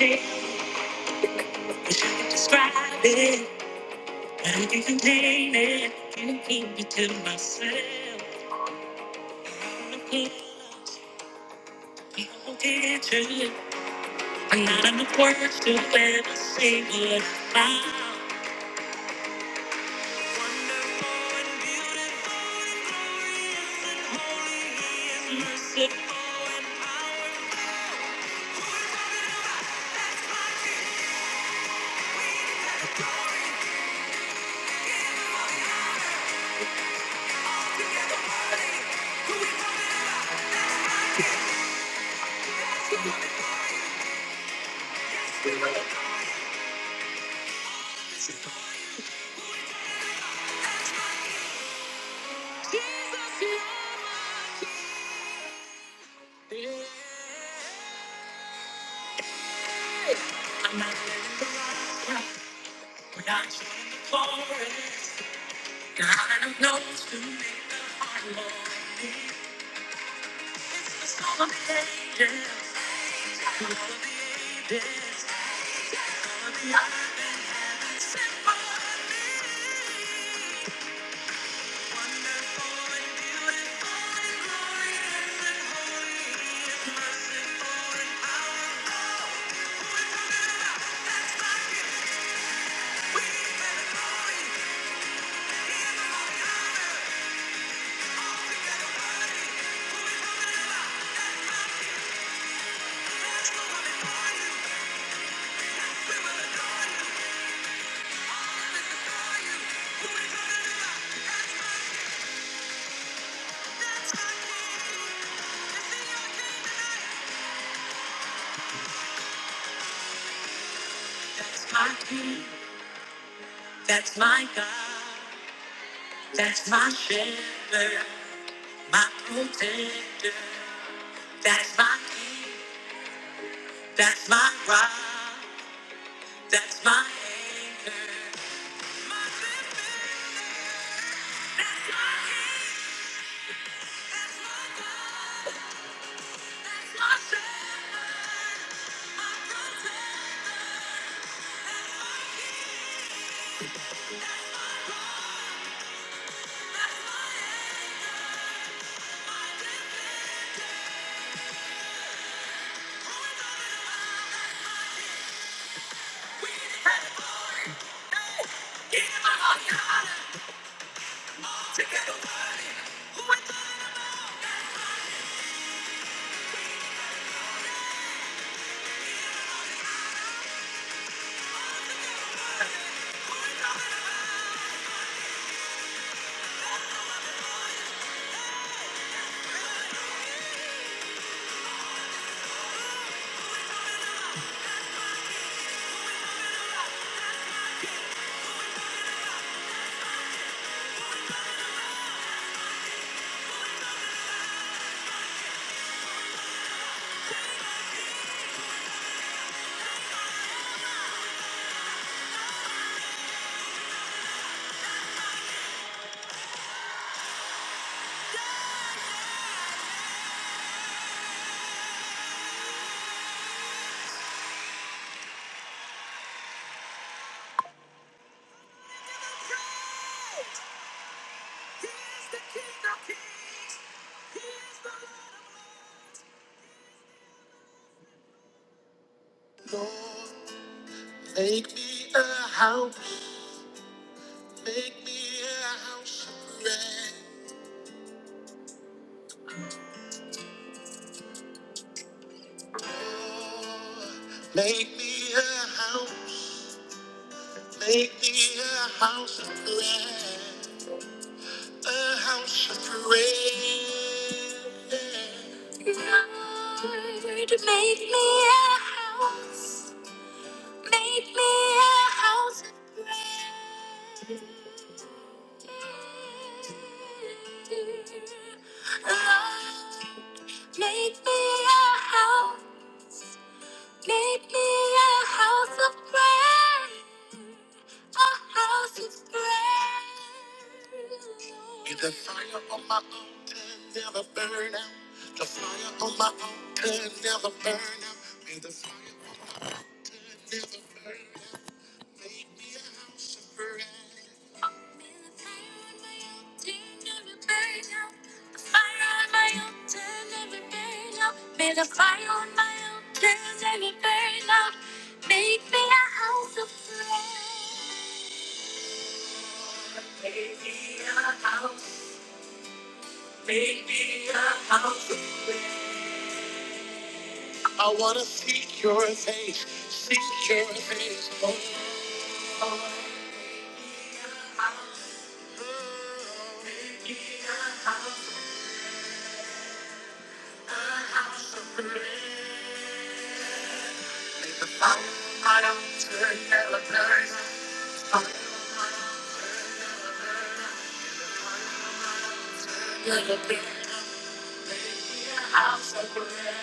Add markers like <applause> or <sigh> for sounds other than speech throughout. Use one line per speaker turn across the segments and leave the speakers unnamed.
can't describe it. I can't contain it. Can't keep it to myself. I'm not People get to I'm not enough words to ever say what I found. Wonderful and beautiful, holy and merciful and powerful. I'm not living the rock, but I'm the forest. God knows to make the heart more. It's gonna be ages. It's gonna be ages. It's gonna be ages. That's my king. That's my God. That's my shepherd. My protector. That's my king. That's my rock. That's my anchor. My defender. that's my king, that's my God. that's my my my God, protector. My king. How? Maybe a house, maybe a house where secure is home. A house, maybe a house, a house of prayer. The fire on my altar never burns. The fire on my altar never burns. A house of prayer.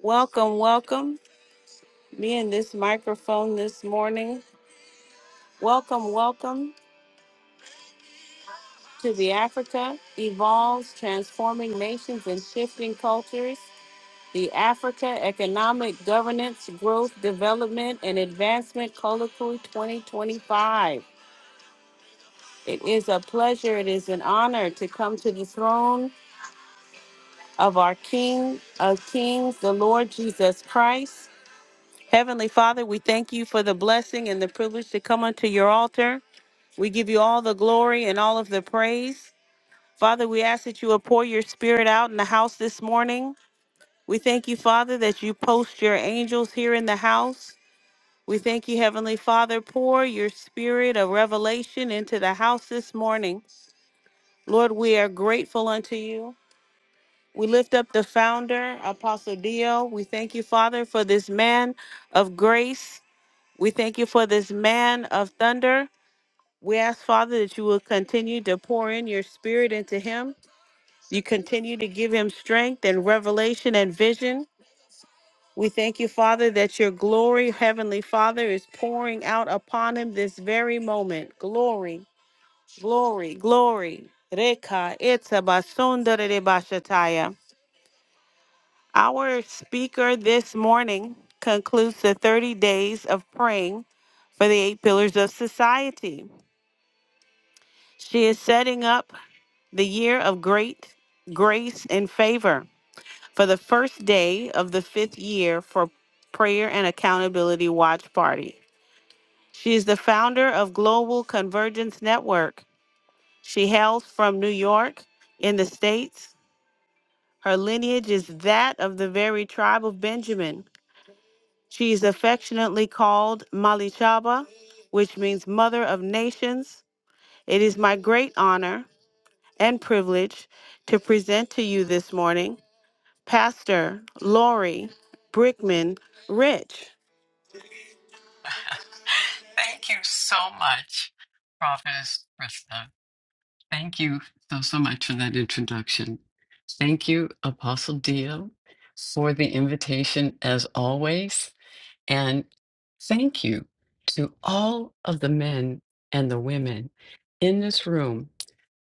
Welcome, welcome. Me and this microphone this morning. Welcome, welcome to the Africa Evolves, Transforming Nations and Shifting Cultures, the Africa Economic Governance, Growth, Development, and Advancement Colloquy 2025. It is a pleasure, it is an honor to come to the throne of our King of Kings, the Lord Jesus Christ. Heavenly Father, we thank you for the blessing and the privilege to come unto your altar. We give you all the glory and all of the praise. Father, we ask that you will pour your spirit out in the house this morning. We thank you, Father, that you post your angels here in the house. We thank you, Heavenly Father. Pour your spirit of revelation into the house this morning. Lord, we are grateful unto you. We lift up the founder, Apostle Dio. We thank you, Father, for this man of grace. We thank you for this man of thunder. We ask, Father, that you will continue to pour in your spirit into him. You continue to give him strength and revelation and vision. We thank you, Father, that your glory, Heavenly Father, is pouring out upon him this very moment. Glory, glory, glory. Reka, etabasondarebashataya. Our speaker this morning concludes the 30 days of praying for the eight pillars of society. She is setting up the year of great grace and favor for the first day of the fifth year for Prayer and Accountability Watch Party. She is the founder of Global Convergence Network. She hails from New York in the States. Her lineage is that of the very tribe of Benjamin. She is affectionately called Malichaba, which means Mother of Nations. It is my great honor and privilege to present to you this morning Pastor Lori Brickman Rich.
<laughs> Thank you so much, Prophetess Krista. Thank you so, so much for that introduction. Thank you, Apostle Dio, for the invitation as always. And thank you to all of the men and the women in this room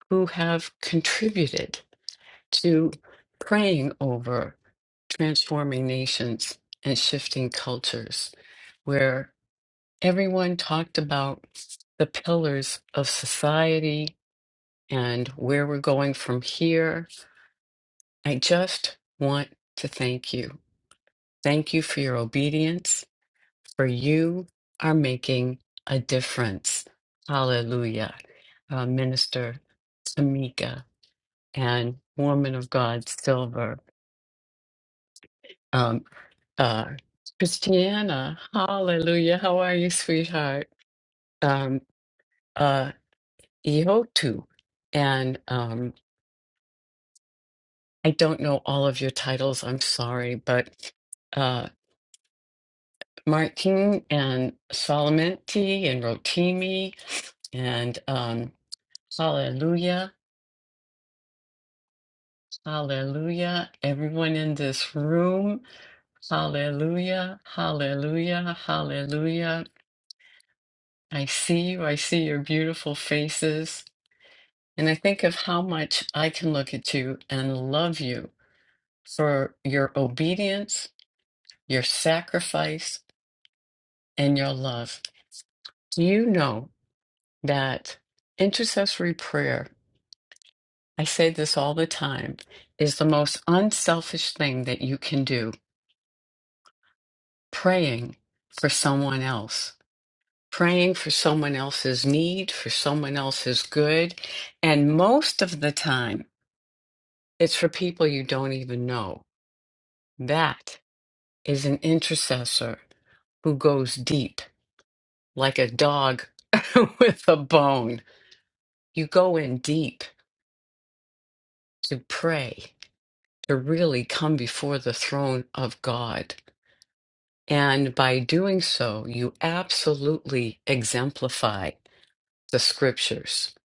who have contributed to praying over transforming nations and shifting cultures. Where everyone talked about the pillars of society and where we're going from here. I just want to thank you. Thank you for your obedience, for you are making a difference. Hallelujah. Uh, Minister Tamika and Woman of God Silver. Um, uh, Christiana, hallelujah. How are you, sweetheart? Um, uh, Ehotu. And um, I don't know all of your titles, I'm sorry, but uh, Martin and Solomenti and Rotimi and um, Hallelujah, Hallelujah, everyone in this room, Hallelujah, Hallelujah, Hallelujah. I see you, I see your beautiful faces. And I think of how much I can look at you and love you for your obedience your sacrifice, and your love. Do you know that intercessory prayer, I say this all the time, is the most unselfish thing that you can do? Praying for someone else, praying for someone else's need, for someone else's good. And most of the time, it's for people you don't even know. That is an intercessor who goes deep like a dog <laughs> with a bone You go in deep to pray, to really come before the throne of God. And by doing so, you absolutely exemplify the scriptures.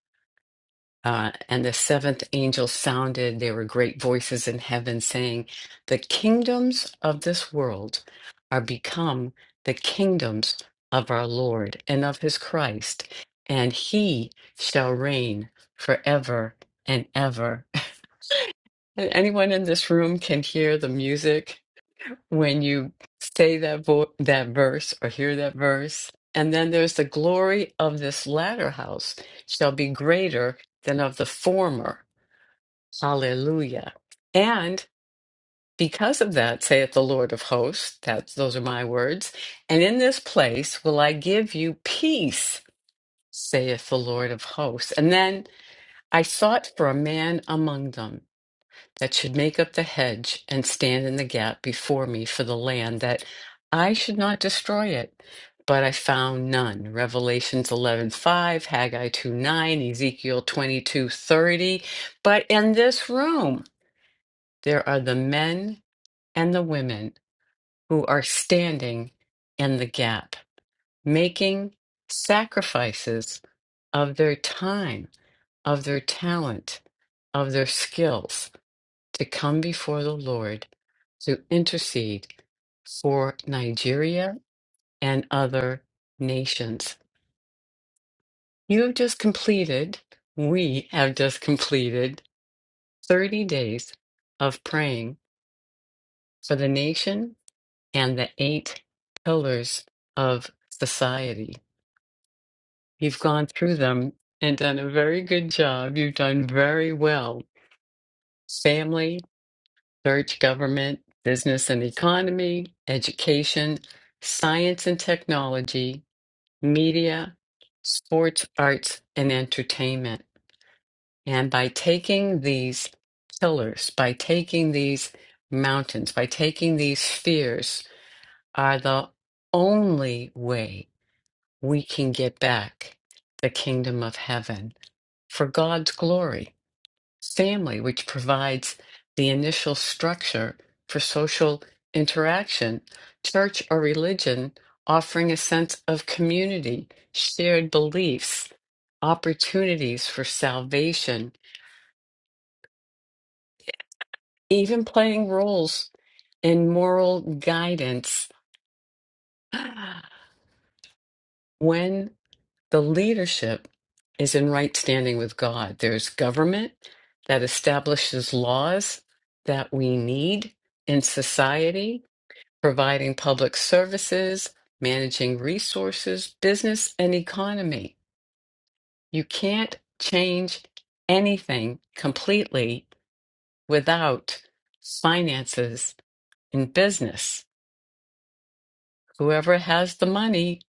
Uh, and the seventh angel sounded. There were great voices in heaven saying, The kingdoms of this world are become the kingdoms of our Lord and of his Christ, and he shall reign forever and ever. And anyone in this room can hear the music when you say that vo- that verse or hear that verse. And then there's the glory of this latter house shall be greater than of the former. Hallelujah. And because of that, saith the Lord of hosts, that's those are my words, and in this place will I give you peace, saith the Lord of hosts. And then I sought for a man among them that should make up the hedge and stand in the gap before me for the land that I should not destroy it. But I found none. Revelations 11:5, Haggai two nine, Ezekiel 22:30. But in this room, there are the men and the women who are standing in the gap, making sacrifices of their time, of their talent, of their skills to come before the Lord to intercede for Nigeria and other nations. You have just completed, we have just completed 30 days of praying for the nation and the eight pillars of society. You've gone through them and done a very good job. You've done very well. Family, church, government, business and economy, education, science and technology, media, sports, arts, and entertainment. And by taking these pillars, by taking these mountains, by taking these spheres, are the only way we can get back the kingdom of heaven for God's glory family, which provides the initial structure for social interaction, church or religion offering a sense of community, shared beliefs, opportunities for salvation, even playing roles in moral guidance <gasps> <sighs> when the leadership is in right standing with God. There's government that establishes laws that we need in society providing public services, managing resources, business, and economy. You can't change anything completely without finances in business. Whoever has the money,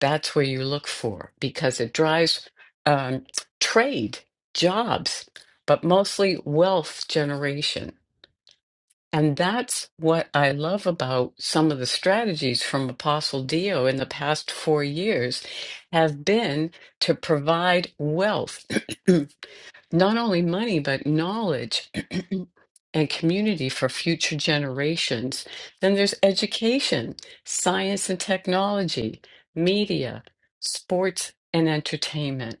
that's where you look for because it drives um, trade, jobs, but mostly wealth generation. And that's what I love about some of the strategies from Apostle Dio in the past four years have been to provide wealth, <clears throat> not only money, but knowledge <clears throat> and community for future generations. Then there's education, science and technology, media, sports and entertainment.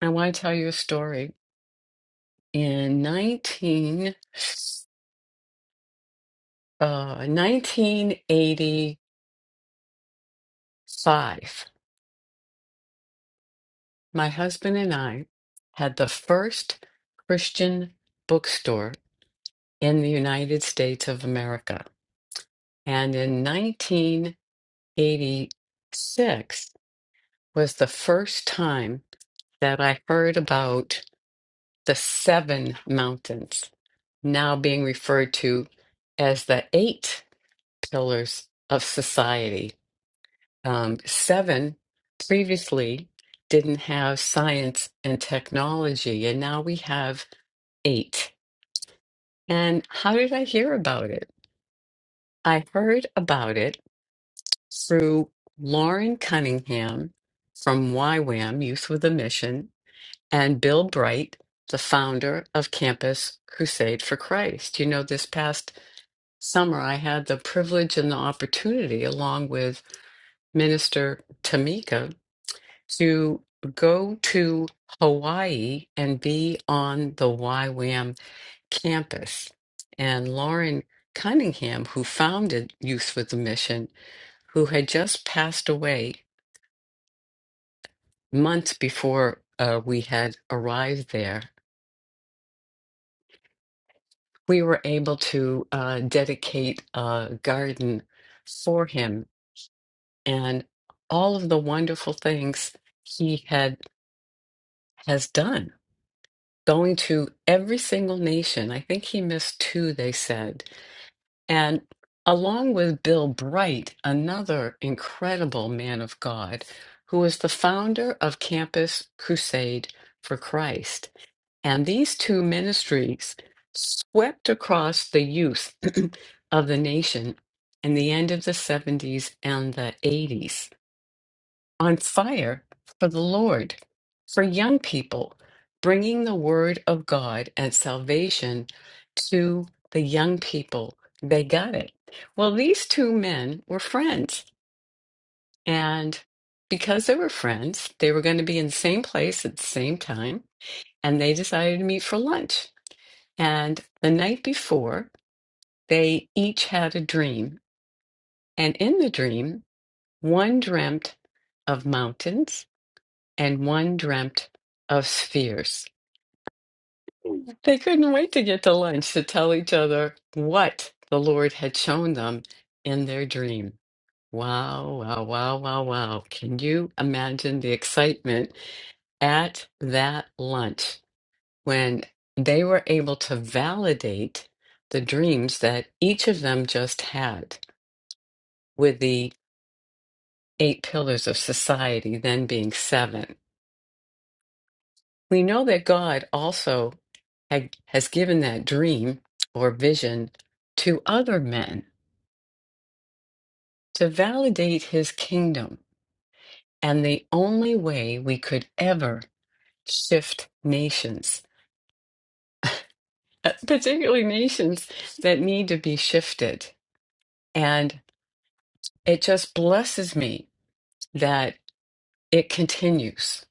I want to tell you a story. In 19, uh, 1980, Five, my husband and I had the first Christian bookstore in the United States of America. And in 1986 was the first time that I heard about the seven mountains, now being referred to as the eight pillars of society. um, seven previously didn't have science and technology, and now we have eight. And how did I hear about it? I heard about it through Lauren Cunningham from YWAM, Youth with a Mission, and Bill Bright, the founder of Campus Crusade for Christ. You know, this past summer, I had the privilege and the opportunity, along with Minister Tamika to go to Hawaii and be on the YWAM campus. And Lauren Cunningham, who founded Youth with a Mission, who had just passed away months before uh, we had arrived there, we were able to uh, dedicate a garden for him and all of the wonderful things he had has done going to every single nation. I think he missed two, they said. And along with Bill Bright, another incredible man of God, who is the founder of Campus Crusade for Christ. And these two ministries swept across the youth <clears throat> of the nation in the end of the 70s and the 80s on fire for the Lord, for young people, bringing the word of God and salvation to the young people. They got it. Well, these two men were friends. And because they were friends, they were going to be in the same place at the same time. And they decided to meet for lunch. And the night before, they each had a dream. And in the dream, one dreamt of mountains and one dreamt of spheres. They couldn't wait to get to lunch to tell each other what the Lord had shown them in their dream. Wow, wow, wow, wow, wow. Can you imagine the excitement at that lunch when they were able to validate the dreams that each of them just had with the eight pillars of society then being seven? We know that God also had, has given that dream or vision to other men to validate his kingdom. And the only way we could ever shift nations, <laughs> uh, particularly nations that need to be shifted. And it just blesses me that it continues,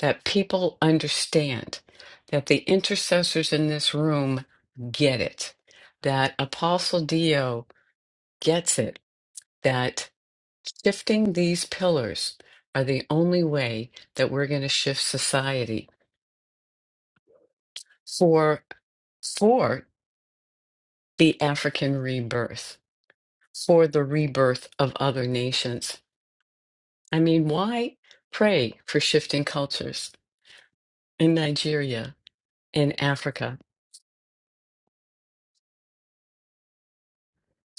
that people understand, that the intercessors in this room get it, that Apostle Dio gets it that shifting these pillars are the only way that we're going to shift society for for the African rebirth, for the rebirth of other nations. I mean, why pray for shifting cultures in Nigeria, in Africa,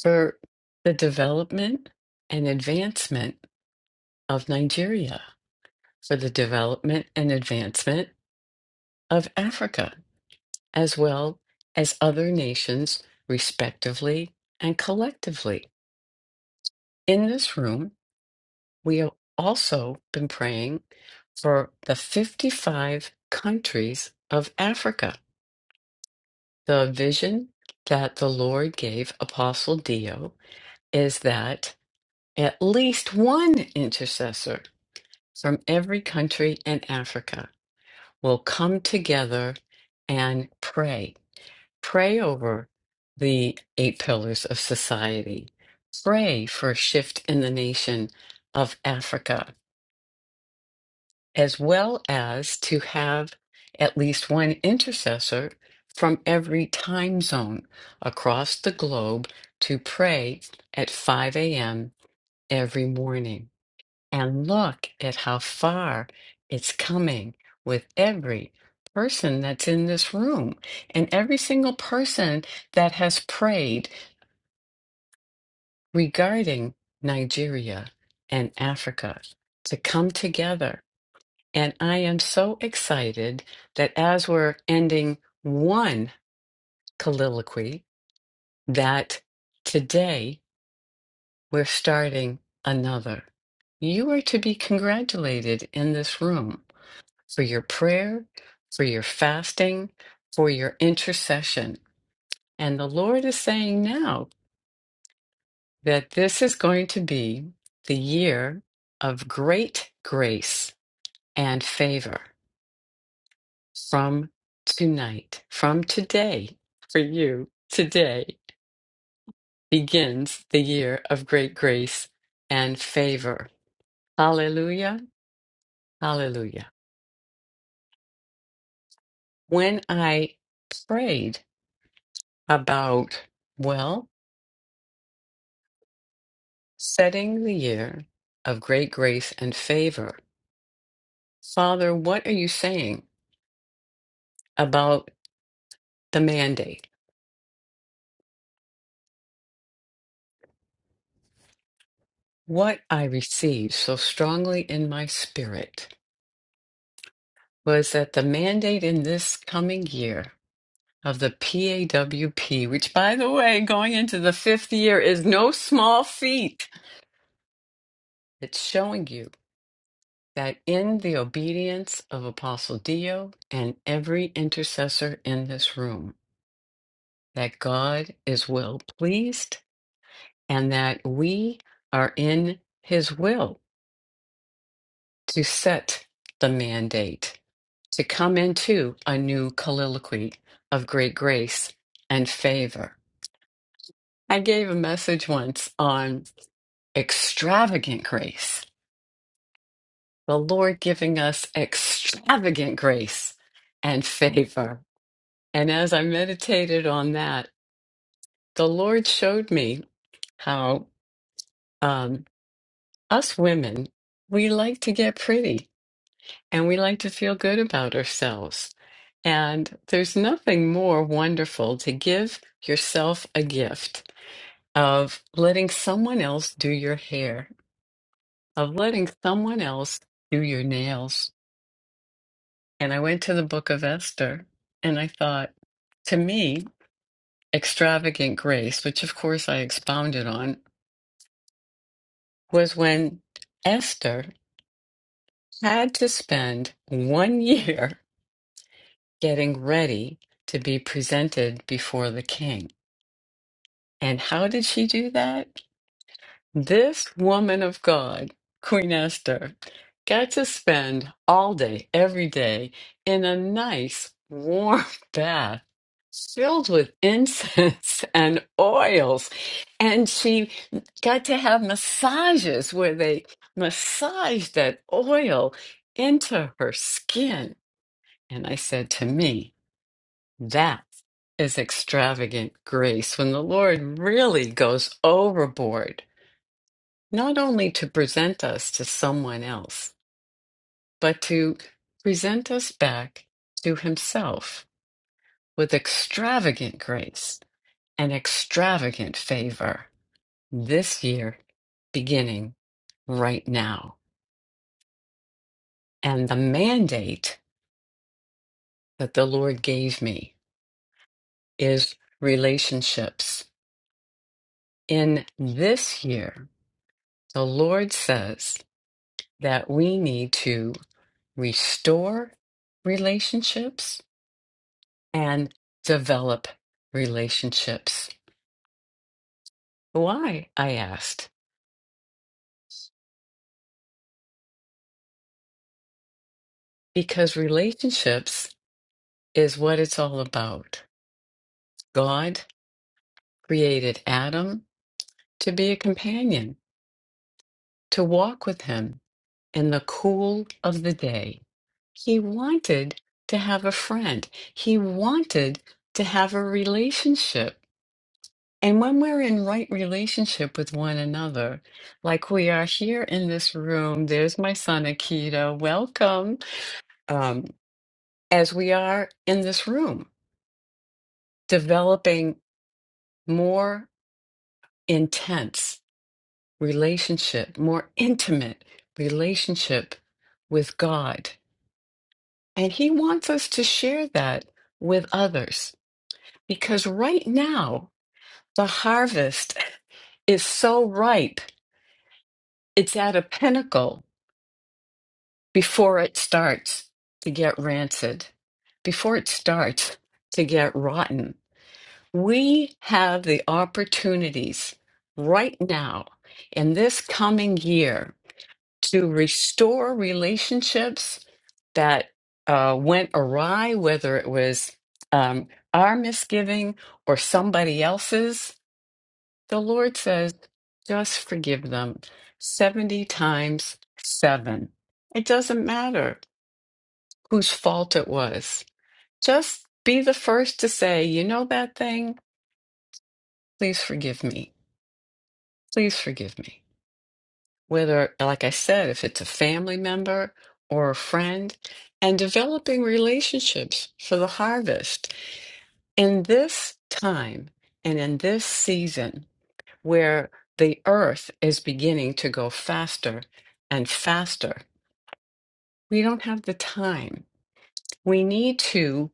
for the development and advancement of Nigeria, for the development and advancement of Africa? as well as other nations, respectively and collectively. In this room, we have also been praying for the 55 countries of Africa. The vision that the Lord gave Apostle Dio is that at least one intercessor from every country in Africa will come together and pray. Pray over the eight pillars of society. Pray for a shift in the nation of Africa, as well as to have at least one intercessor from every time zone across the globe to pray at 5 a.m. every morning. And look at how far it's coming with every person that's in this room and every single person that has prayed regarding Nigeria and Africa to come together. And I am so excited that as we're ending one colloquy, that today we're starting another. You are to be congratulated in this room. for your prayer, for your fasting, for your intercession. And the Lord is saying now that this is going to be the year of great grace and favor from tonight, from today, for you. Today begins the year of great grace and favor. Hallelujah. Hallelujah. When I prayed about, well, Setting the year of great grace and favor. Father, what are you saying about the mandate? What I received so strongly in my spirit was that the mandate in this coming year of the PAWP, which by the way, going into the fifth year is no small feat, it's showing you that in the obedience of Apostle Dio and every intercessor in this room, that God is well pleased and that we are in his will to set the mandate, to come into a new colloquy of great grace and favor. I gave a message once on extravagant grace, the Lord giving us extravagant grace and favor. And as I meditated on that, the Lord showed me how um, us women, we like to get pretty and we like to feel good about ourselves. And there's nothing more wonderful to give yourself a gift of letting someone else do your hair, of letting someone else do your nails. And I went to the book of Esther and I thought, to me, extravagant grace, which of course I expounded on, was when Esther had to spend one <laughs> year getting ready to be presented before the king And how did she do that? This woman of God, Queen Esther, got to spend all day, every day, in a nice warm <laughs> bath filled with incense <laughs> and oils. And she got to have massages where they massaged that oil into her skin. And I said to me, that is extravagant grace when the Lord really goes overboard, not only to present us to someone else, but to present us back to Himself with extravagant grace and extravagant favor this year, beginning right now. And the mandate that the Lord gave me is relationships. In this year, the Lord says, that we need to restore relationships and develop relationships. Why? I asked. Because relationships is what it's all about. God created Adam to be a companion, to walk with him in the cool of the day. He wanted to have a friend, he wanted to have a relationship. And when we're in right relationship with one another, like we are here in this room, there's my son Akita, welcome. Um, as we are in this room, developing more intense relationship, more intimate relationship with God. And He wants us to share that with others because right now, the harvest is so ripe, it's at a pinnacle before it starts to get rancid, before it starts to get rotten. We have the opportunities right now in this coming year to restore relationships that uh, went awry, whether it was um, our misgiving or somebody else's. The Lord says, just forgive them 70 times seven. It doesn't matter whose fault it was. Just be the first to say, you know that thing? Please forgive me. Please forgive me. Whether, like I said, if it's a family member or a friend, and developing relationships for the harvest in this time and in this season where the earth is beginning to go faster and faster. We don't have the time. We need to,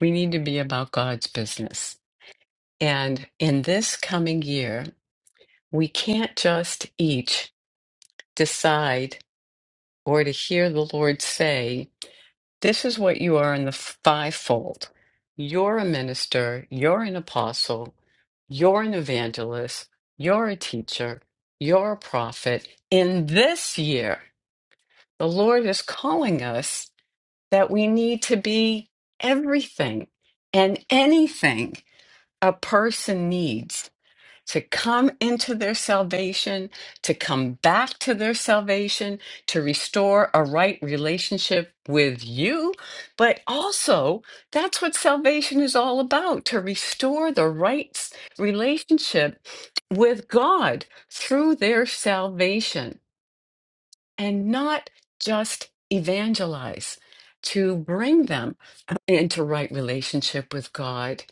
we need to be about God's business And in this coming year, we can't just each decide or to hear the Lord say, This is what you are in the fivefold. You're a minister, you're an apostle, you're an evangelist, you're a teacher, you're a prophet. In this year, the Lord is calling us that we need to be everything and anything a person needs to come into their salvation, to come back to their salvation, to restore a right relationship with you. But also, that's what salvation is all about to restore the right s- relationship with God through their salvation and not just evangelize, to bring them into right relationship with God,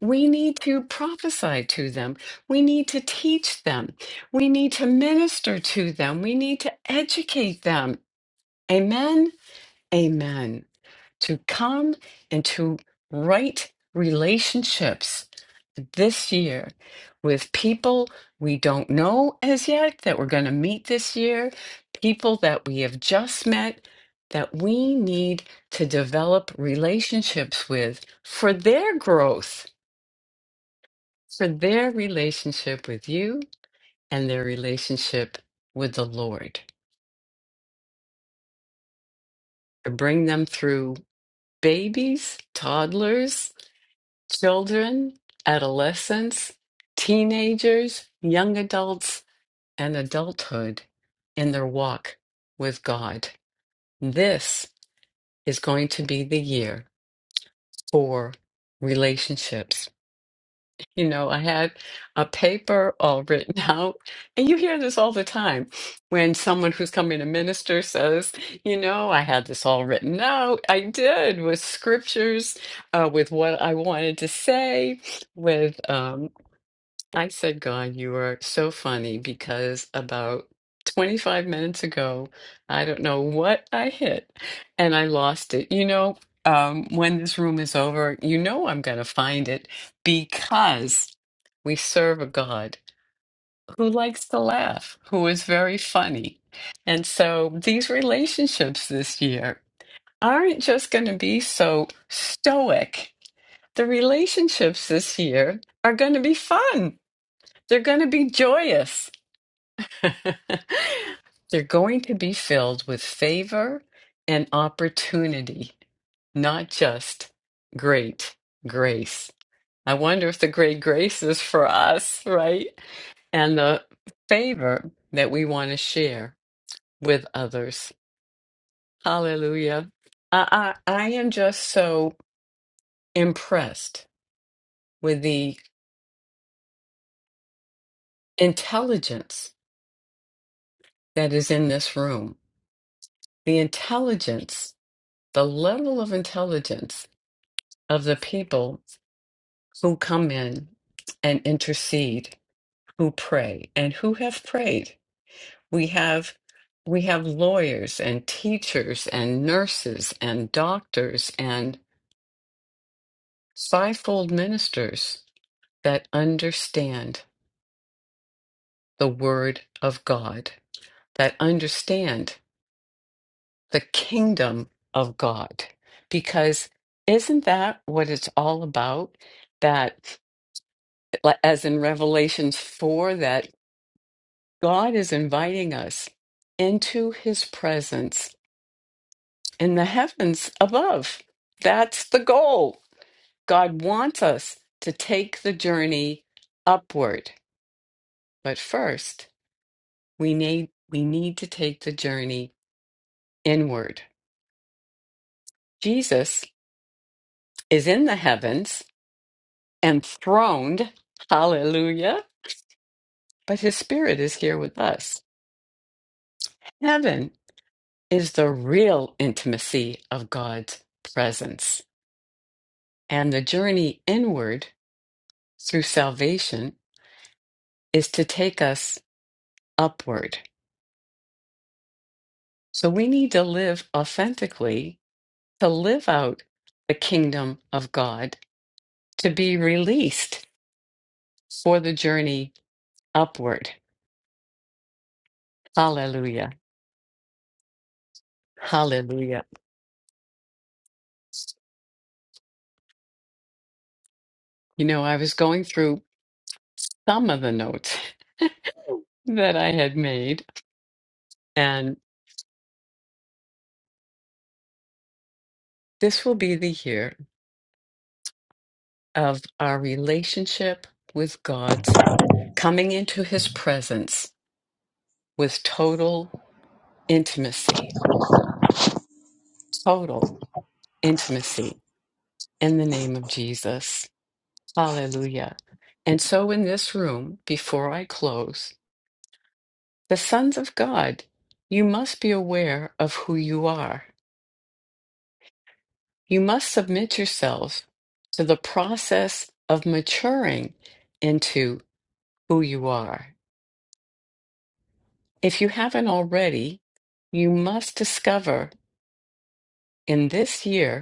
we need to prophesy to them. We need to teach them. We need to minister to them. We need to educate them. Amen. Amen to come into right relationships this year with people we don't know as yet that we're going to meet this year, people that we have just met that we need to develop relationships with for their growth, for their relationship with you and their relationship with the Lord, to bring them through babies, toddlers children, adolescents, teenagers, young adults, and adulthood in their walk with God. This is going to be the year for relationships. You know, I had a paper all <laughs> written out, and you hear this all the time when someone who's coming to minister says, You know, I had this all written out. I did with scriptures, uh, with what I wanted to say, with. um." I said, God, you are so funny because about 25 minutes ago, I don't know what I hit and I lost it. You know, um, when this room is over, you know I'm going to find it because we serve a God who likes to laugh, who is very funny. And so these relationships this year aren't just going to be so stoic. The relationships this year are going to be fun they're going to be joyous. <laughs> They're going to be filled with favor and opportunity, not just great grace. I wonder if the great grace is for us, right? And the favor that we want to share with others. Hallelujah. I, I, I am just so impressed with the intelligence that is in this room, the intelligence the level of intelligence of the people who come in and intercede, who pray, and who have prayed. We have we have lawyers and teachers and nurses and doctors and fivefold ministers that understand the word of God, that understand the kingdom of God. Because isn't that what it's all about? That like- as in Revelations 4, that God is inviting us into his presence in the heavens above. That's the goal. God wants us to take the journey upward. But first, we need we need to take the journey inward. Jesus is in the heavens, enthroned, hallelujah, but his spirit is here with us. Heaven is the real intimacy of God's presence. And the journey inward through salvation is to take us upward. So we need to live authentically to live out the kingdom of God, to be released for the journey upward. Hallelujah. Hallelujah. You know, I was going through some of the notes <laughs> that I had made, and this will be the year. of our relationship with God's coming into his presence with total intimacy, total intimacy in the name of Jesus. Hallelujah. And so, in this room, before I close, the sons of God, you must be aware of who you are. You must submit yourselves to the process of maturing into who you are. If you haven't already, you must discover in this year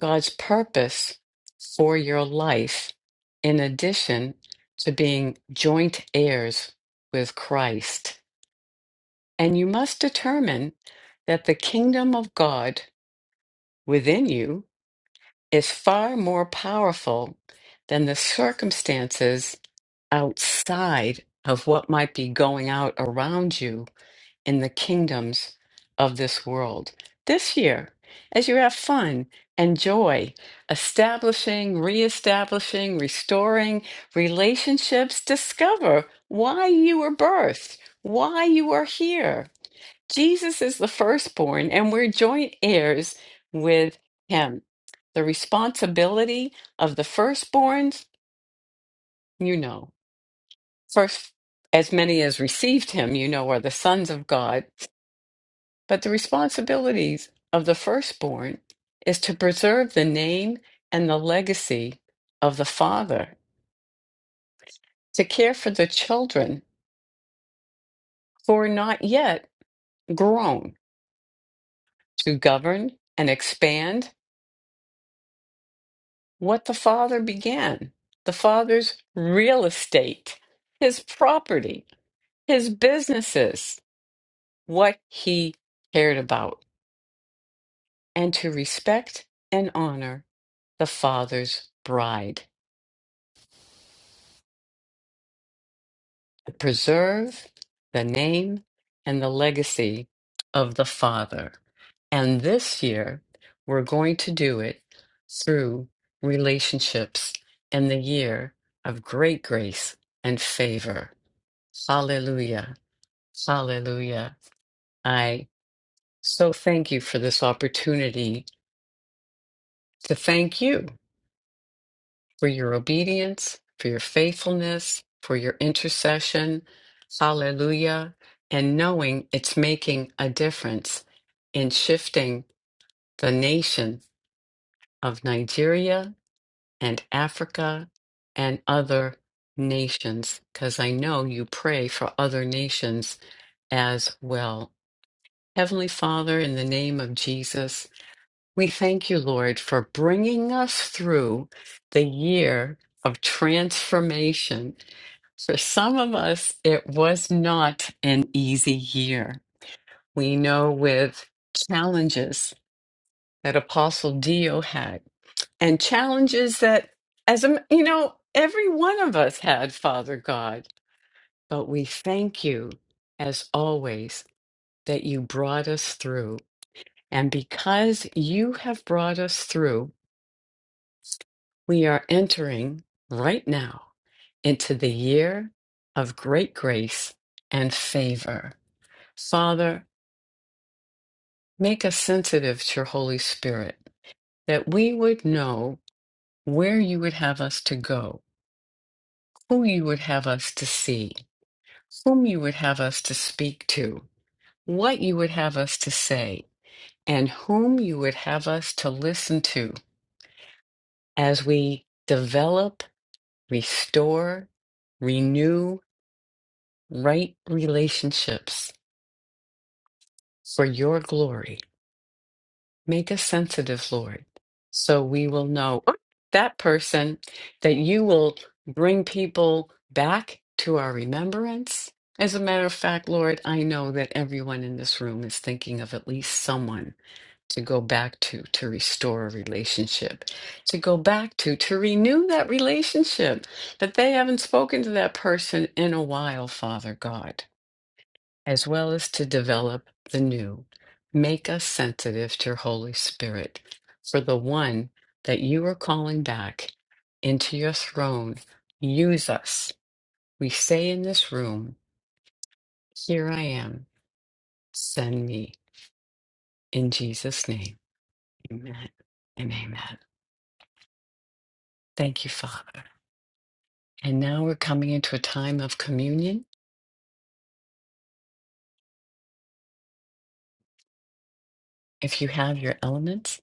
God's purpose for your life, in addition to being joint heirs with Christ. And you must determine that the kingdom of God within you is far more powerful than the circumstances outside of what might be going out around you in the kingdoms of this world. This year, as you have fun and joy, establishing, reestablishing, restoring relationships, discover why you were birthed, why you are here. Jesus is the firstborn, and we're joint heirs with him. The responsibility of the firstborns, you know, first, as many as received him, you know, are the sons of God. But the responsibilities of the firstborn is to preserve the name and the legacy of the father, to care for the children who are not yet grown, to govern and expand what the father began the father's real estate, his property, his businesses, what he cared about, and to respect and honor the father's bride to preserve the name and the legacy of the Father. And this year, we're going to do it through relationships and the year of great grace and favor. Hallelujah. Hallelujah. I so thank you for this opportunity to thank you for your obedience, for your faithfulness, for your intercession. Hallelujah. And knowing it's making a difference in shifting the nation of Nigeria and Africa and other nations, because I know you pray for other nations as well. Heavenly Father, in the name of Jesus, we thank you, Lord, for bringing us through the year of transformation For some of us, it was not an easy year. We know with challenges that Apostle Dio had, and challenges that, as a, you know, every one of us had, Father God. But we thank you, as always, that you brought us through. And because you have brought us through, we are entering right now into the year of great grace and favor. Father, Make us sensitive to your Holy Spirit, that we would know where you would have us to go, who you would have us to see, whom you would have us to speak to, what you would have us to say, and whom you would have us to listen to as we develop, restore, renew right relationships for your glory. Make us sensitive, Lord, so we will know "Oh, that person, that you will bring people back to our remembrance. As a matter of fact, Lord, I know that everyone in this room is thinking of at least someone to go back to, to restore a relationship, to go back to, to renew that relationship, that they haven't spoken to that person in a while, Father God as well as to develop the new. Make us sensitive to your Holy Spirit, for the one that you are calling back into your throne, use us. We say in this room, Here I am, send me. In Jesus' name, amen and amen. Thank you, Father. And now we're coming into a time of communion. If you have your elements,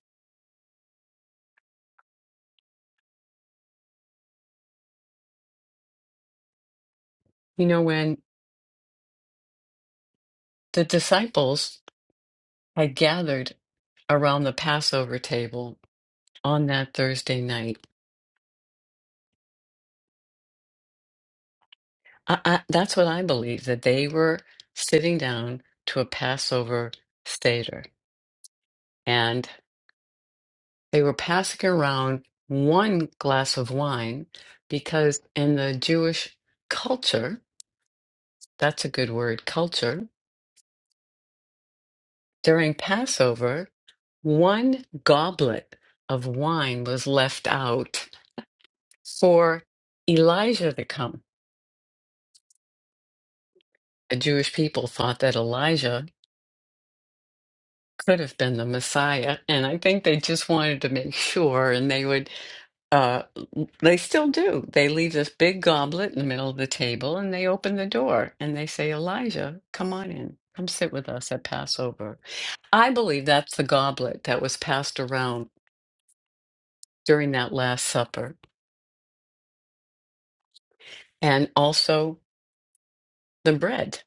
you know, when the disciples had gathered around the Passover table on that Thursday night. I, I, that's what I believe that they were sitting down to a Passover Seder and they were passing around one glass of wine because in the Jewish culture, that's a good word, culture, during Passover, one goblet of wine was left out for Elijah to come. The Jewish people thought that Elijah could have been the Messiah. And I think they just wanted to make sure, and they would, uh, they still do. They leave this big goblet in the middle of the table and they open the door and they say, Elijah, come on in. Come sit with us at Passover. I believe that's the goblet that was passed around during that Last Supper, and also the bread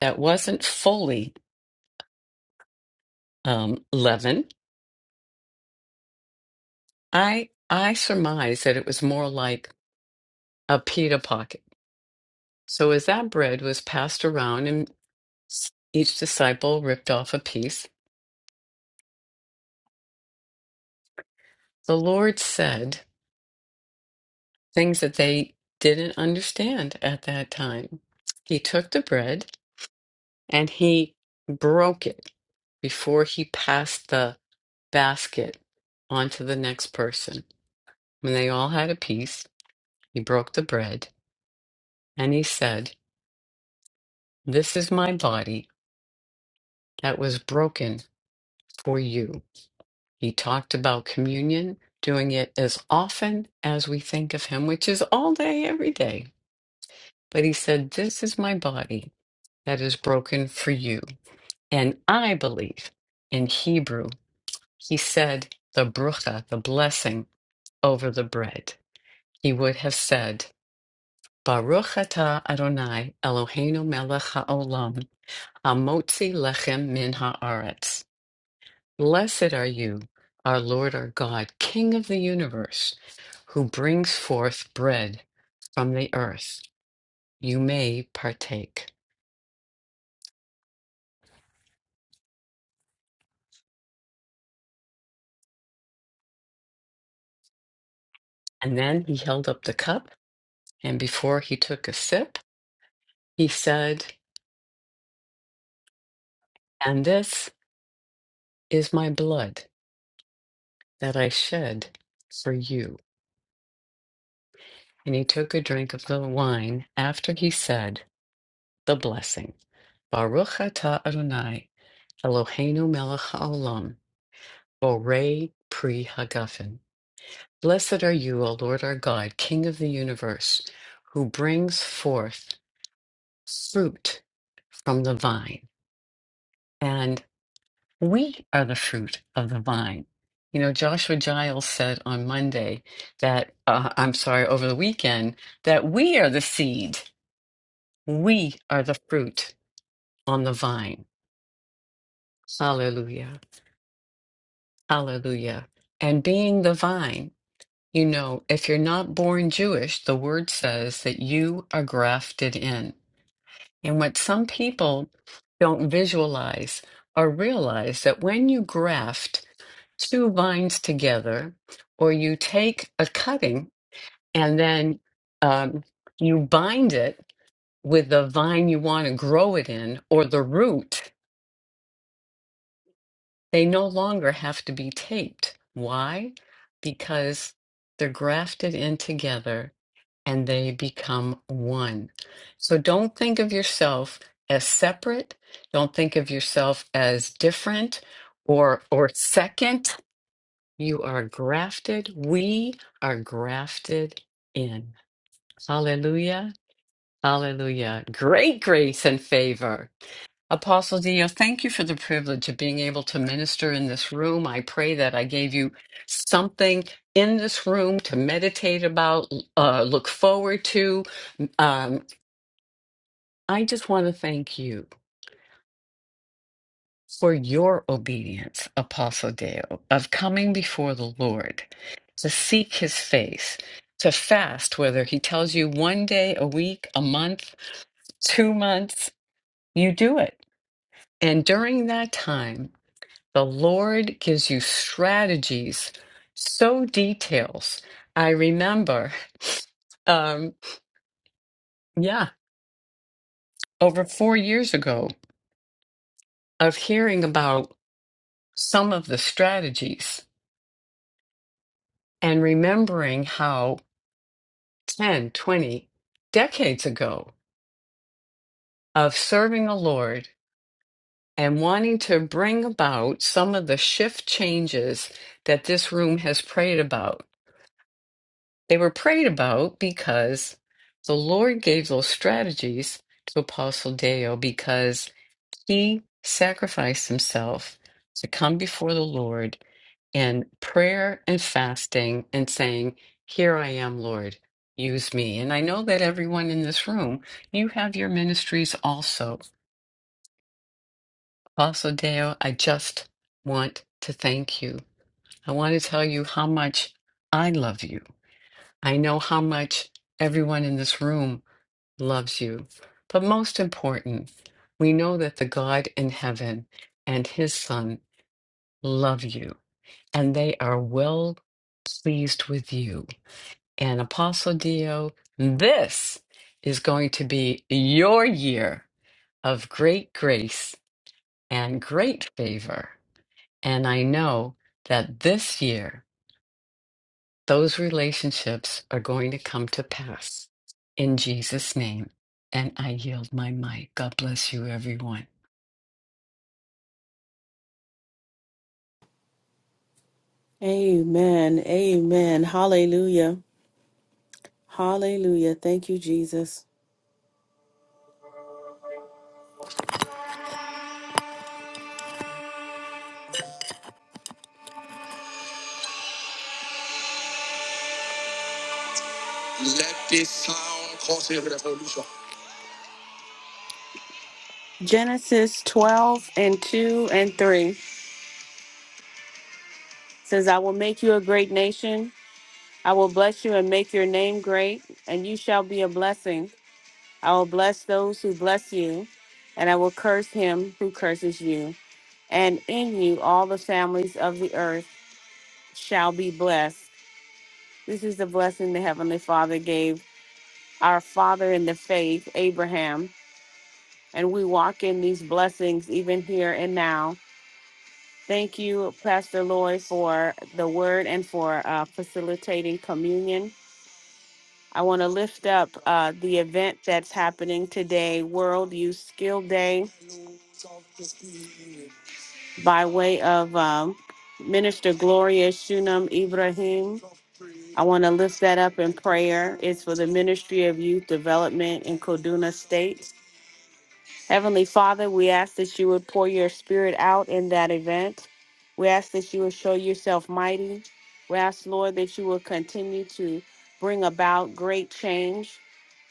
that wasn't fully um, leavened. I I surmise that it was more like a pita pocket So as that bread was passed around and s- each disciple ripped off a piece, the Lord said things that they didn't understand at that time. He took the bread and he broke it before he passed the basket on to the next person. When they all had a piece, he broke the bread and he said, This is my body that was broken for you. He talked about communion, doing it as often as we think of Him, which is all day, every day. But He said, This is my body that is broken for you. And I believe in Hebrew, He said the brucha, the blessing over the bread. He would have said, Baruch atah Adonai Eloheinu melech haolam, hamotzi lechem min haaretz. Blessed are you, our Lord our God, King of the universe, who brings forth bread from the earth. You may partake. And then he held up the cup, and before he took a sip, he said, And this is my blood that I shed for you. And he took a drink of the wine after he said the blessing. Baruch atah Adonai, Eloheinu melech haolam, borei pri hagafen. Blessed are you, O Lord our God, King of the universe, who brings forth fruit from the vine. And we are the fruit of the vine. You know, Joshua Giles said on Monday that, uh, I'm sorry, over the weekend, that we are the seed. We are the fruit on the vine. Hallelujah. Hallelujah. And being the vine, you know, if you're not born Jewish, the word says that you are grafted in And what some people don't visualize or realize that when you graft two vines together, or you take a cutting and then um, you bind it with the vine you want to grow it in or the root, they no longer have to be taped. Why? Because they're grafted in together and they become one. So don't think of yourself as separate. Don't think of yourself as different or or second. You are grafted. We are grafted in. Hallelujah. Hallelujah. Great grace and favor. Apostle Dino, thank you for the privilege of being able to minister in this room. I pray that I gave you something in this room to meditate about, uh, look forward to. um, I just want to thank you for your obedience, Apostle Deo, of coming before the Lord to seek his face, to fast, whether he tells you one day, a week, a month, two months, you do it. And during that time, the Lord gives you strategies, so details. I remember, um, yeah, over four years ago, of hearing about some of the strategies and remembering how 10, 20 decades ago of serving the Lord and wanting to bring about some of the shift changes that this room has prayed about. They were prayed about because the Lord gave those strategies to Apostle Deo because he sacrificed himself to come before the Lord in prayer and fasting and saying, Here I am, Lord, use me. And I know that everyone in this room, you have your ministries also. Also, Deo, I just want to thank you. I want to tell you how much I love you. I know how much everyone in this room loves you. But most important, we know that the God in heaven and his son love you, and they are well pleased with you and Apostle Dio, this is going to be your year of great grace and great favor. And I know that this year, those relationships are going to come to pass in Jesus' name. And I yield my mic. God bless you, everyone.
Amen. Amen. Hallelujah. Hallelujah. Thank you, Jesus. Genesis 12 and 2 and 3 says, I will make you a great nation. I will bless you and make your name great, and you shall be a blessing. I will bless those who bless you, and I will curse him who curses you. And in you, all the families of the earth shall be blessed. This is the blessing the Heavenly Father gave our father in the faith, Abraham. And we walk in these blessings even here and now. Thank you, Pastor Lloyd, for the word and for uh, facilitating communion. I want to lift up uh, the event that's happening today, World Youth Skill Day by way of um, Minister Gloria Shunam Ibrahim. I want to lift that up in prayer. It's for the Ministry of Youth Development in Kaduna State. Heavenly Father, we ask that you would pour your spirit out in that event. We ask that you would show yourself mighty. We ask, Lord, that you will continue to bring about great change.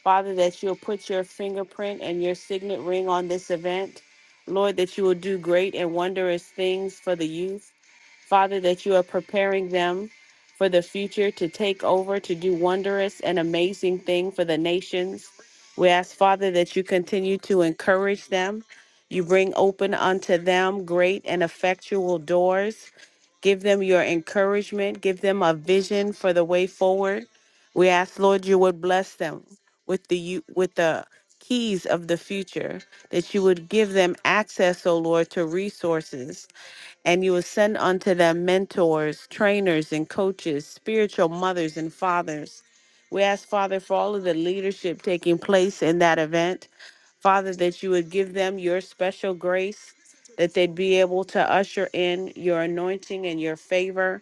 Father, that you'll put your fingerprint and your signet ring on this event. Lord, that you will do great and wondrous things for the youth. Father, that you are preparing them for the future to take over, to do wondrous and amazing thing for the nations. We ask, Father, that you continue to encourage them. You bring open unto them great and effectual doors. Give them your encouragement. Give them a vision for the way forward. We ask, Lord, you would bless them with the u- with the keys of the future, that you would give them access, O Lord, to resources, and you will send unto them mentors, trainers, and coaches, spiritual mothers and fathers. We ask, Father, for all of the leadership taking place in that event. Father, that you would give them your special grace, that they'd be able to usher in your anointing and your favor.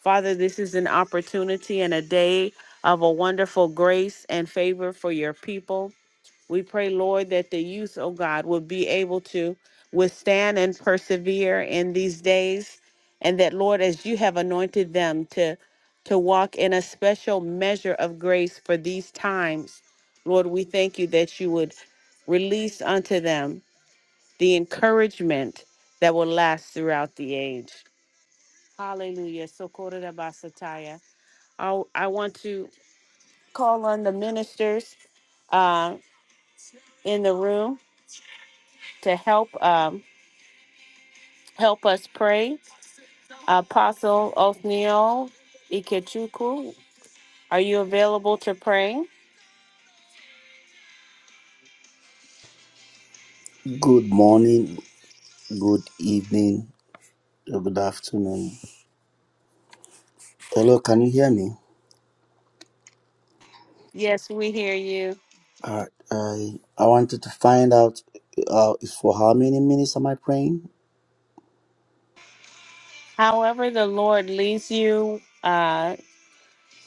Father, this is an opportunity and a day of a wonderful grace and favor for your people. We pray, Lord, that the youth, oh God, will be able to withstand and persevere in these days. And that, Lord, as you have anointed them to, to walk in a special measure of grace for these times, Lord, we thank you that you would release unto them the encouragement that will last throughout the age. Hallelujah. So I, I want to call on the ministers uh, in the room to help um, help us pray. Apostle Othniel Ikechukwu, are you available to pray?
Good morning, good evening, or good afternoon. Hello, can you hear me?
Yes, we hear you.
I I, I wanted to find out uh, for how many minutes am I praying?
However, the Lord leads you, uh,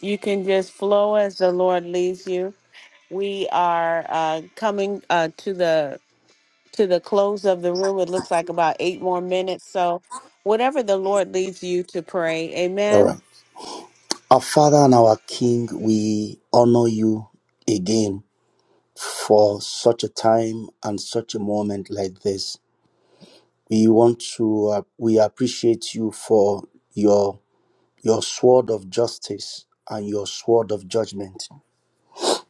you can just flow as the Lord leads you. We are uh, coming uh, to the to the close of the room. It looks like about eight more minutes. So, whatever the Lord leads you to pray,
All
amen.
right. Our Father and our King, we honor you again for such a time and such a moment like this. We want to uh, we appreciate you for your your sword of justice and your sword of judgment.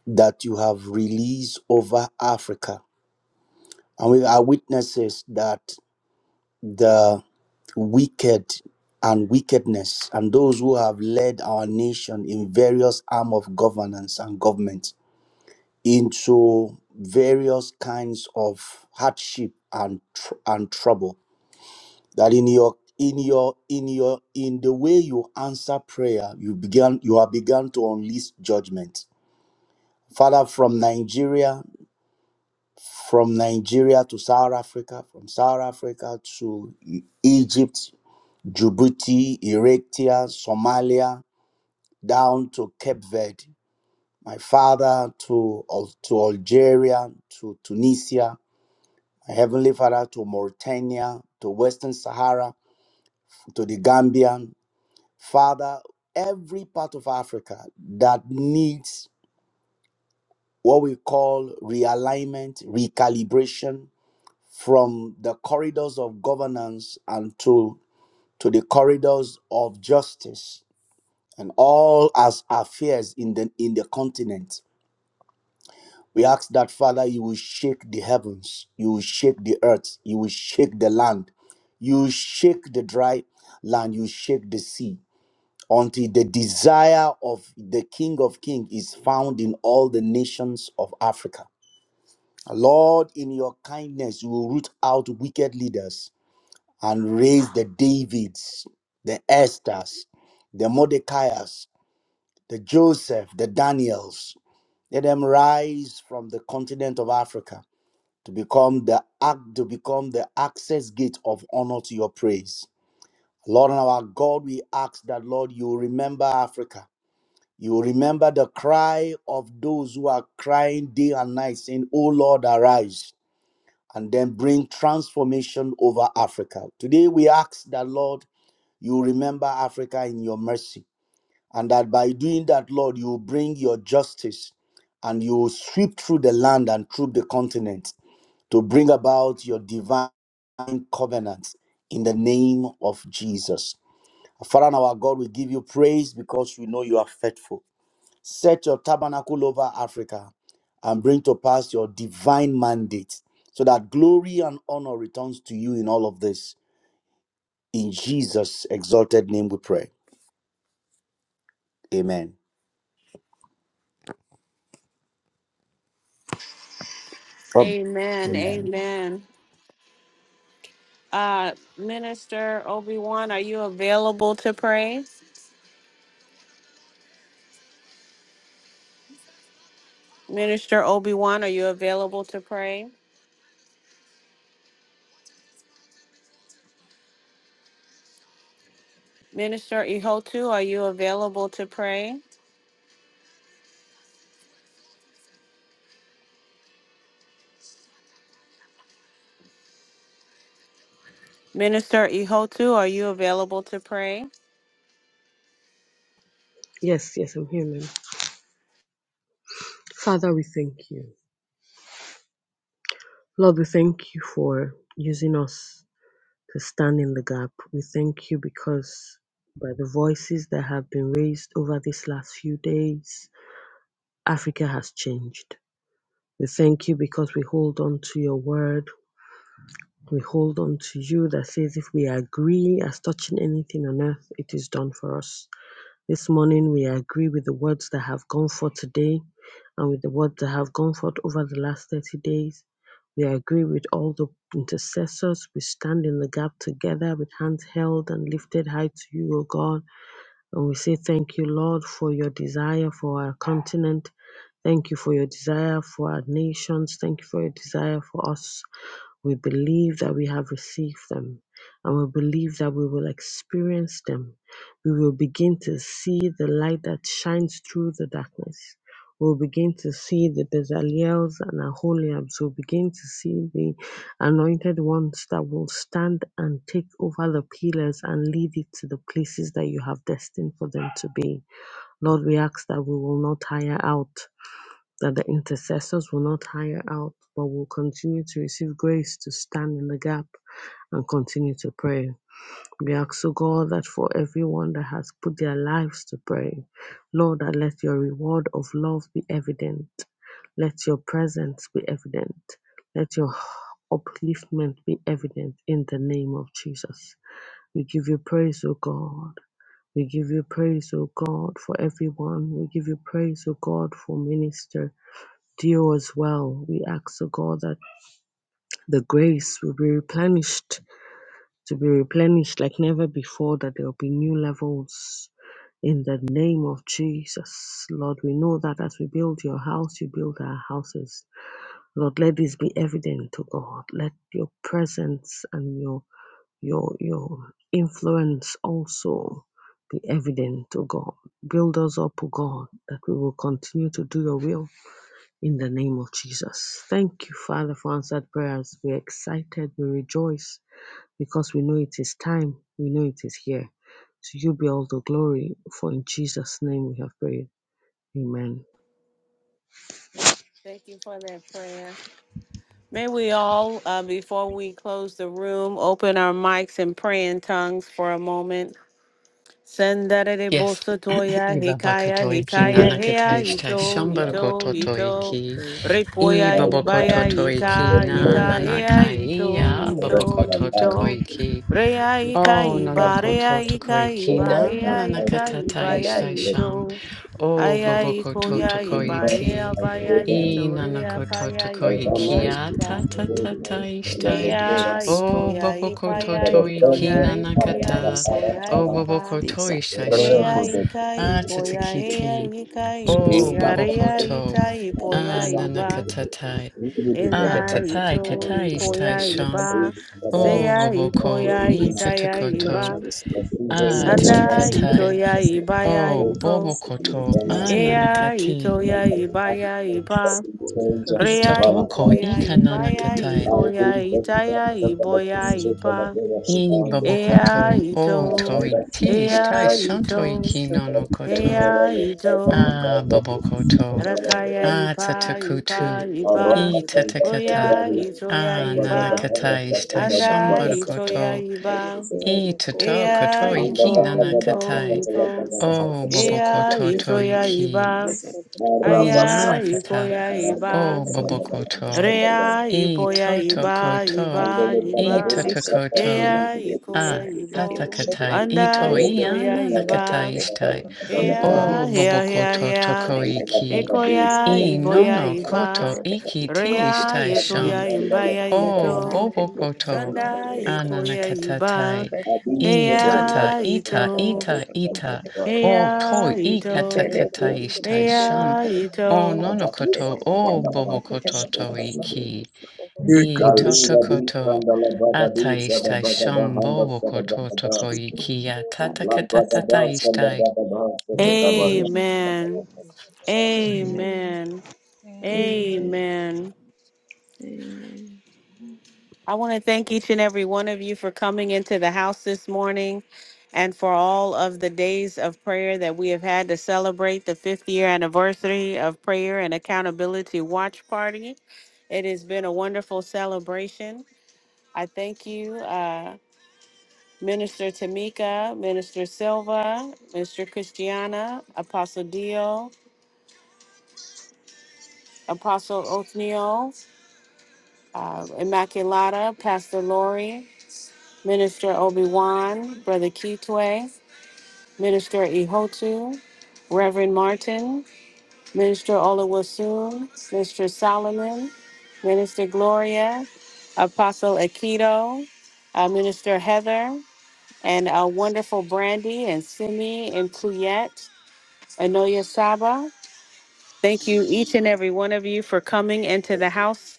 that you have released over Africa. And we are witnesses that the wicked and wickedness and those who have led our nation in various arm of governance and government into various kinds of hardship and tr- and trouble that in your in your in your in the way you answer prayer you began you have begun to unleash judgment father from nigeria from Nigeria to South Africa, from South Africa to Egypt, Djibouti, Eritrea, Somalia, down to Cape Verde. My father to, Al- to Algeria, to Tunisia, my heavenly father to Mauritania, to Western Sahara, to the Gambia. Father, every part of Africa that needs what we call realignment, recalibration, from the corridors of governance and to, to the corridors of justice and all as affairs in the in the continent. We ask that Father, you will shake the heavens, you will shake the earth, you will shake the land, you will shake the dry land, you shake the sea, until the desire of the King of Kings is found in all the nations of Africa. Lord, in your kindness, you will root out wicked leaders and raise the Davids, the Esthers, the Mordecai's, the Joseph, the Daniels. Let them rise from the continent of Africa to become the ac- to become the access gate of honor to your praise. Lord and our God, we ask that Lord you remember Africa. You remember the cry of those who are crying day and night, saying, Oh Lord, arise, and then bring transformation over Africa. Today we ask that Lord you remember Africa in your mercy. And that by doing that, Lord, you will bring your justice and you will sweep through the land and through the continent to bring about your divine covenant in the name of Jesus. Father and our God, we give you praise because we know you are faithful. Set your tabernacle over Africa and bring to pass your divine mandate so that glory and honor returns to you in all of this. In Jesus' exalted name we pray. Amen. Prob-
Amen.
Amen.
Amen. Uh, Minister Obi Wan, are you available to pray? Minister Obi Wan, are you available to pray? Minister Ihotu, are you available to pray? Minister Ihotu, are you available to pray?
Yes, yes, I'm here, ma'am. Father, we thank you. Lord, we thank you for using us to stand in the gap. We thank you because by the voices that have been raised over these last few days, Africa has changed. We thank you because we hold on to your word. We hold on to you that says if we agree as touching anything on earth, it is done for us. This morning we agree with the words that have gone forth today and with the words that have gone forth over the last 30 days. We agree with all the intercessors. We stand in the gap together with hands held and lifted high to you, O God. And we say thank you, Lord, for your desire for our continent. Thank you for your desire for our nations. Thank you for your desire for us. We believe that we have received them, and we believe that we will experience them. We will begin to see the light that shines through the darkness. We'll begin to see the Bezaliels and Aholiabs. We'll begin to see the anointed ones that will stand and take over the pillars and lead it to the places that you have destined for them to be. Lord, we ask that we will not tire out that the intercessors will not tire out, but will continue to receive grace to stand in the gap and continue to pray. We ask, O God, that for everyone that has put their lives to pray, Lord, that let your reward of love be evident. Let your presence be evident. Let your upliftment be evident in the name of Jesus. We give you praise, O God. We give you praise, O God, for everyone. We give you praise, O God, for minister. Deal as well. We ask, O God, that the grace will be replenished, to be replenished like never before, that there will be new levels in the name of Jesus. Lord, we know that as we build your house, you build our houses. Lord, let this be evident to God. Let your presence and your your your influence also be evident to God. Build us up, O God, that we will continue to do your will in the name of Jesus. Thank you, Father, for answered prayers. We're excited, we rejoice because we know it is time, we know it is here. To you be all the glory, for in Jesus' name we have prayed. Amen.
Thank you for that prayer. May we all, uh, before we close the room, open our mics and pray in tongues for a moment. Sendere bosotoya, hikaya, hikaya, hea, ito,
from
ito,
being
ito.
Ambarukotoiki,
Repoya,
out
ibabotoiki
of
ibaya,
them, so
ika,
na
for
ika, hea, ito,
naia
ito,
Rekanakai,
ito.
babokoiki.
Rea, ika,
Oh,
Nuka
iba,
Buddha,
rea, ika, iba,
kina
hea,
Goramakai,
ita, ibaya,
Nakai
nanakatai
Desi,
ito.
O
Aya,
boboko
ikoya,
Thank
tokoi
Yukumba,
ibaya, baya,
Alcoba,
i
ito,
nanakoi
rea, paya, ito,
Albano,
kia ta
aika.
ta ta ta
Zeko,
ishtai.
Idalokora,
Eya,
O
ikoya, ipaya,
botoi ki
ikoya,
Interponza,
nanaka.
repoya,
Barabasakata.
ikoya,
O
Arataparata,
boboko
ipa.
The
toi ishtai
Zakuri
Eya,
shan.
Malasi.
Rekoda,
ika, ipoya,
Atiti.
eya, ika,
O bo
Eta
ipoya, reya,
Bandos,
ita,
a
ipoya,
Nakaiba,
nanaka.
iba.
Yudu de
A
Enda,
the
tatai
ito,
katai ishtai
ipoya,
shan.
iba.
O
Seya,
boboko
ikoya,
Thank
i
you.
ta
itaya, iba.
Mafunzo
a
la
Anda,
Sayansi
tatakata.
itoya,
Teknolojia
ibaya,
O
Maradufu
bobo
iko.
a
yamepigana
Amen.
Eya,
nanakati.
itoya,
miaka
ibaya,
minane
ipa.
yaliyotenga
I
Reya,
Ivana
totoko i
ipoya,
Kaje
ibaya,
kananakatai.
maudhui
ikoya,
za kila
itaya,
mtaka
iboya,
mafunzo
ipa.
yanalenga
Thank you.
I
kubande
boboko
Ea
to. O
Thank you.
ito,
mabanda
ti ishtai
ea
stakabadhi
shan
ito,
hifadhi na
koto.
sera
ea
na sera
ito,
mabaza ya
koto
badala
rakaya
bora
at
ipa ipa ipa,
haraka
itata
kanda
oya
sababu
ito ya
ya badala
iba,
ananakata
handa
ishtai
sababu ya
anda
shombaruko
ito
baraka
ya
Thank
iba,
you.
ituto
ea
kotoi
mandala
ito
badala
ito
sakata la
ito,
badala
o
handa
ea
sababu
bobokoto
ito ya iba,
Let
Marabasha
aya
inanaka
ito ya iba.
o to
Rea iboya iba iba iba
itokoto
Ea
you
ikoya ibo
tatakatai
Thank
Anda
ito
ikoya
iananaka
iba
you.
Ea
o bo
hea hea hea
Yes,
Thank you.
Ikoya
in
iboya iba
iki
All
ti
Rea
praise,
ishtai
all
itoya
glory, all
imbaya
honor,
o
all
ito
adoration. It
bobokoto
belongs to
Sanda
you.
ikoya iba
ananatatai
Thank you, Father.
itata
Ea
Thank
ito
ita
you.
ita
Ea
o
Thank
toi
you.
ito
Jesus
ishtai
is
Ea
sham
mine.
ito
To o
Thank
bobokototo
you.
iki i
Kalinga di
totokoto
sandala baga di shada
ataishtai
baga bahanda sada
shambobokototoko
baga
iki
La la da ba sa la
atatatatataishtai.
ba da Labadaba, Salabadaba, Fetakabaria,
Thank
Amen
you.
Shande.
Amen.
Amen.
Amen
Amen.
Amen.
Amen.
Amen.
Amen.
I want to thank each and every one of you for coming into the house this morning and for all of the days of prayer that we have had to celebrate the fifth year anniversary of Prayer and Accountability Watch Party. It has been a wonderful celebration. I thank you, uh, Minister Tamika, Minister Silva, Mr. Christiana, Apostle Dio, Apostle Othniel, uh, Immaculata, Pastor Lori. Minister Obi Wan, Brother Kitwe, Minister Ihotu, Reverend Martin, Minister Olawasun, Mr. Solomon, Minister Gloria, Apostle Akido, uh, Minister Heather, and our wonderful Brandy and Simi and Kuyet, Anoya Saba. Thank you, each and every one of you, for coming into the house.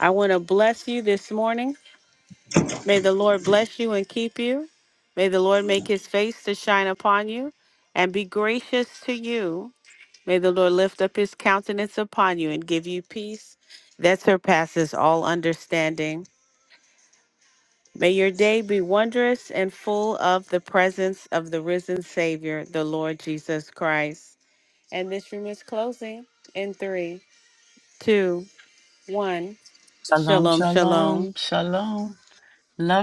I want to bless you this morning. May the Lord bless you and keep you. May the Lord make his face to shine upon you and be gracious to you. May the Lord lift up his countenance upon you and give you peace that surpasses all understanding. May your day be wondrous and full of the presence of the risen Savior, the Lord Jesus Christ. And this room is closing in three, two, one.
Shalom,
Shalom,
shalom.
shalom.
Shalom. Love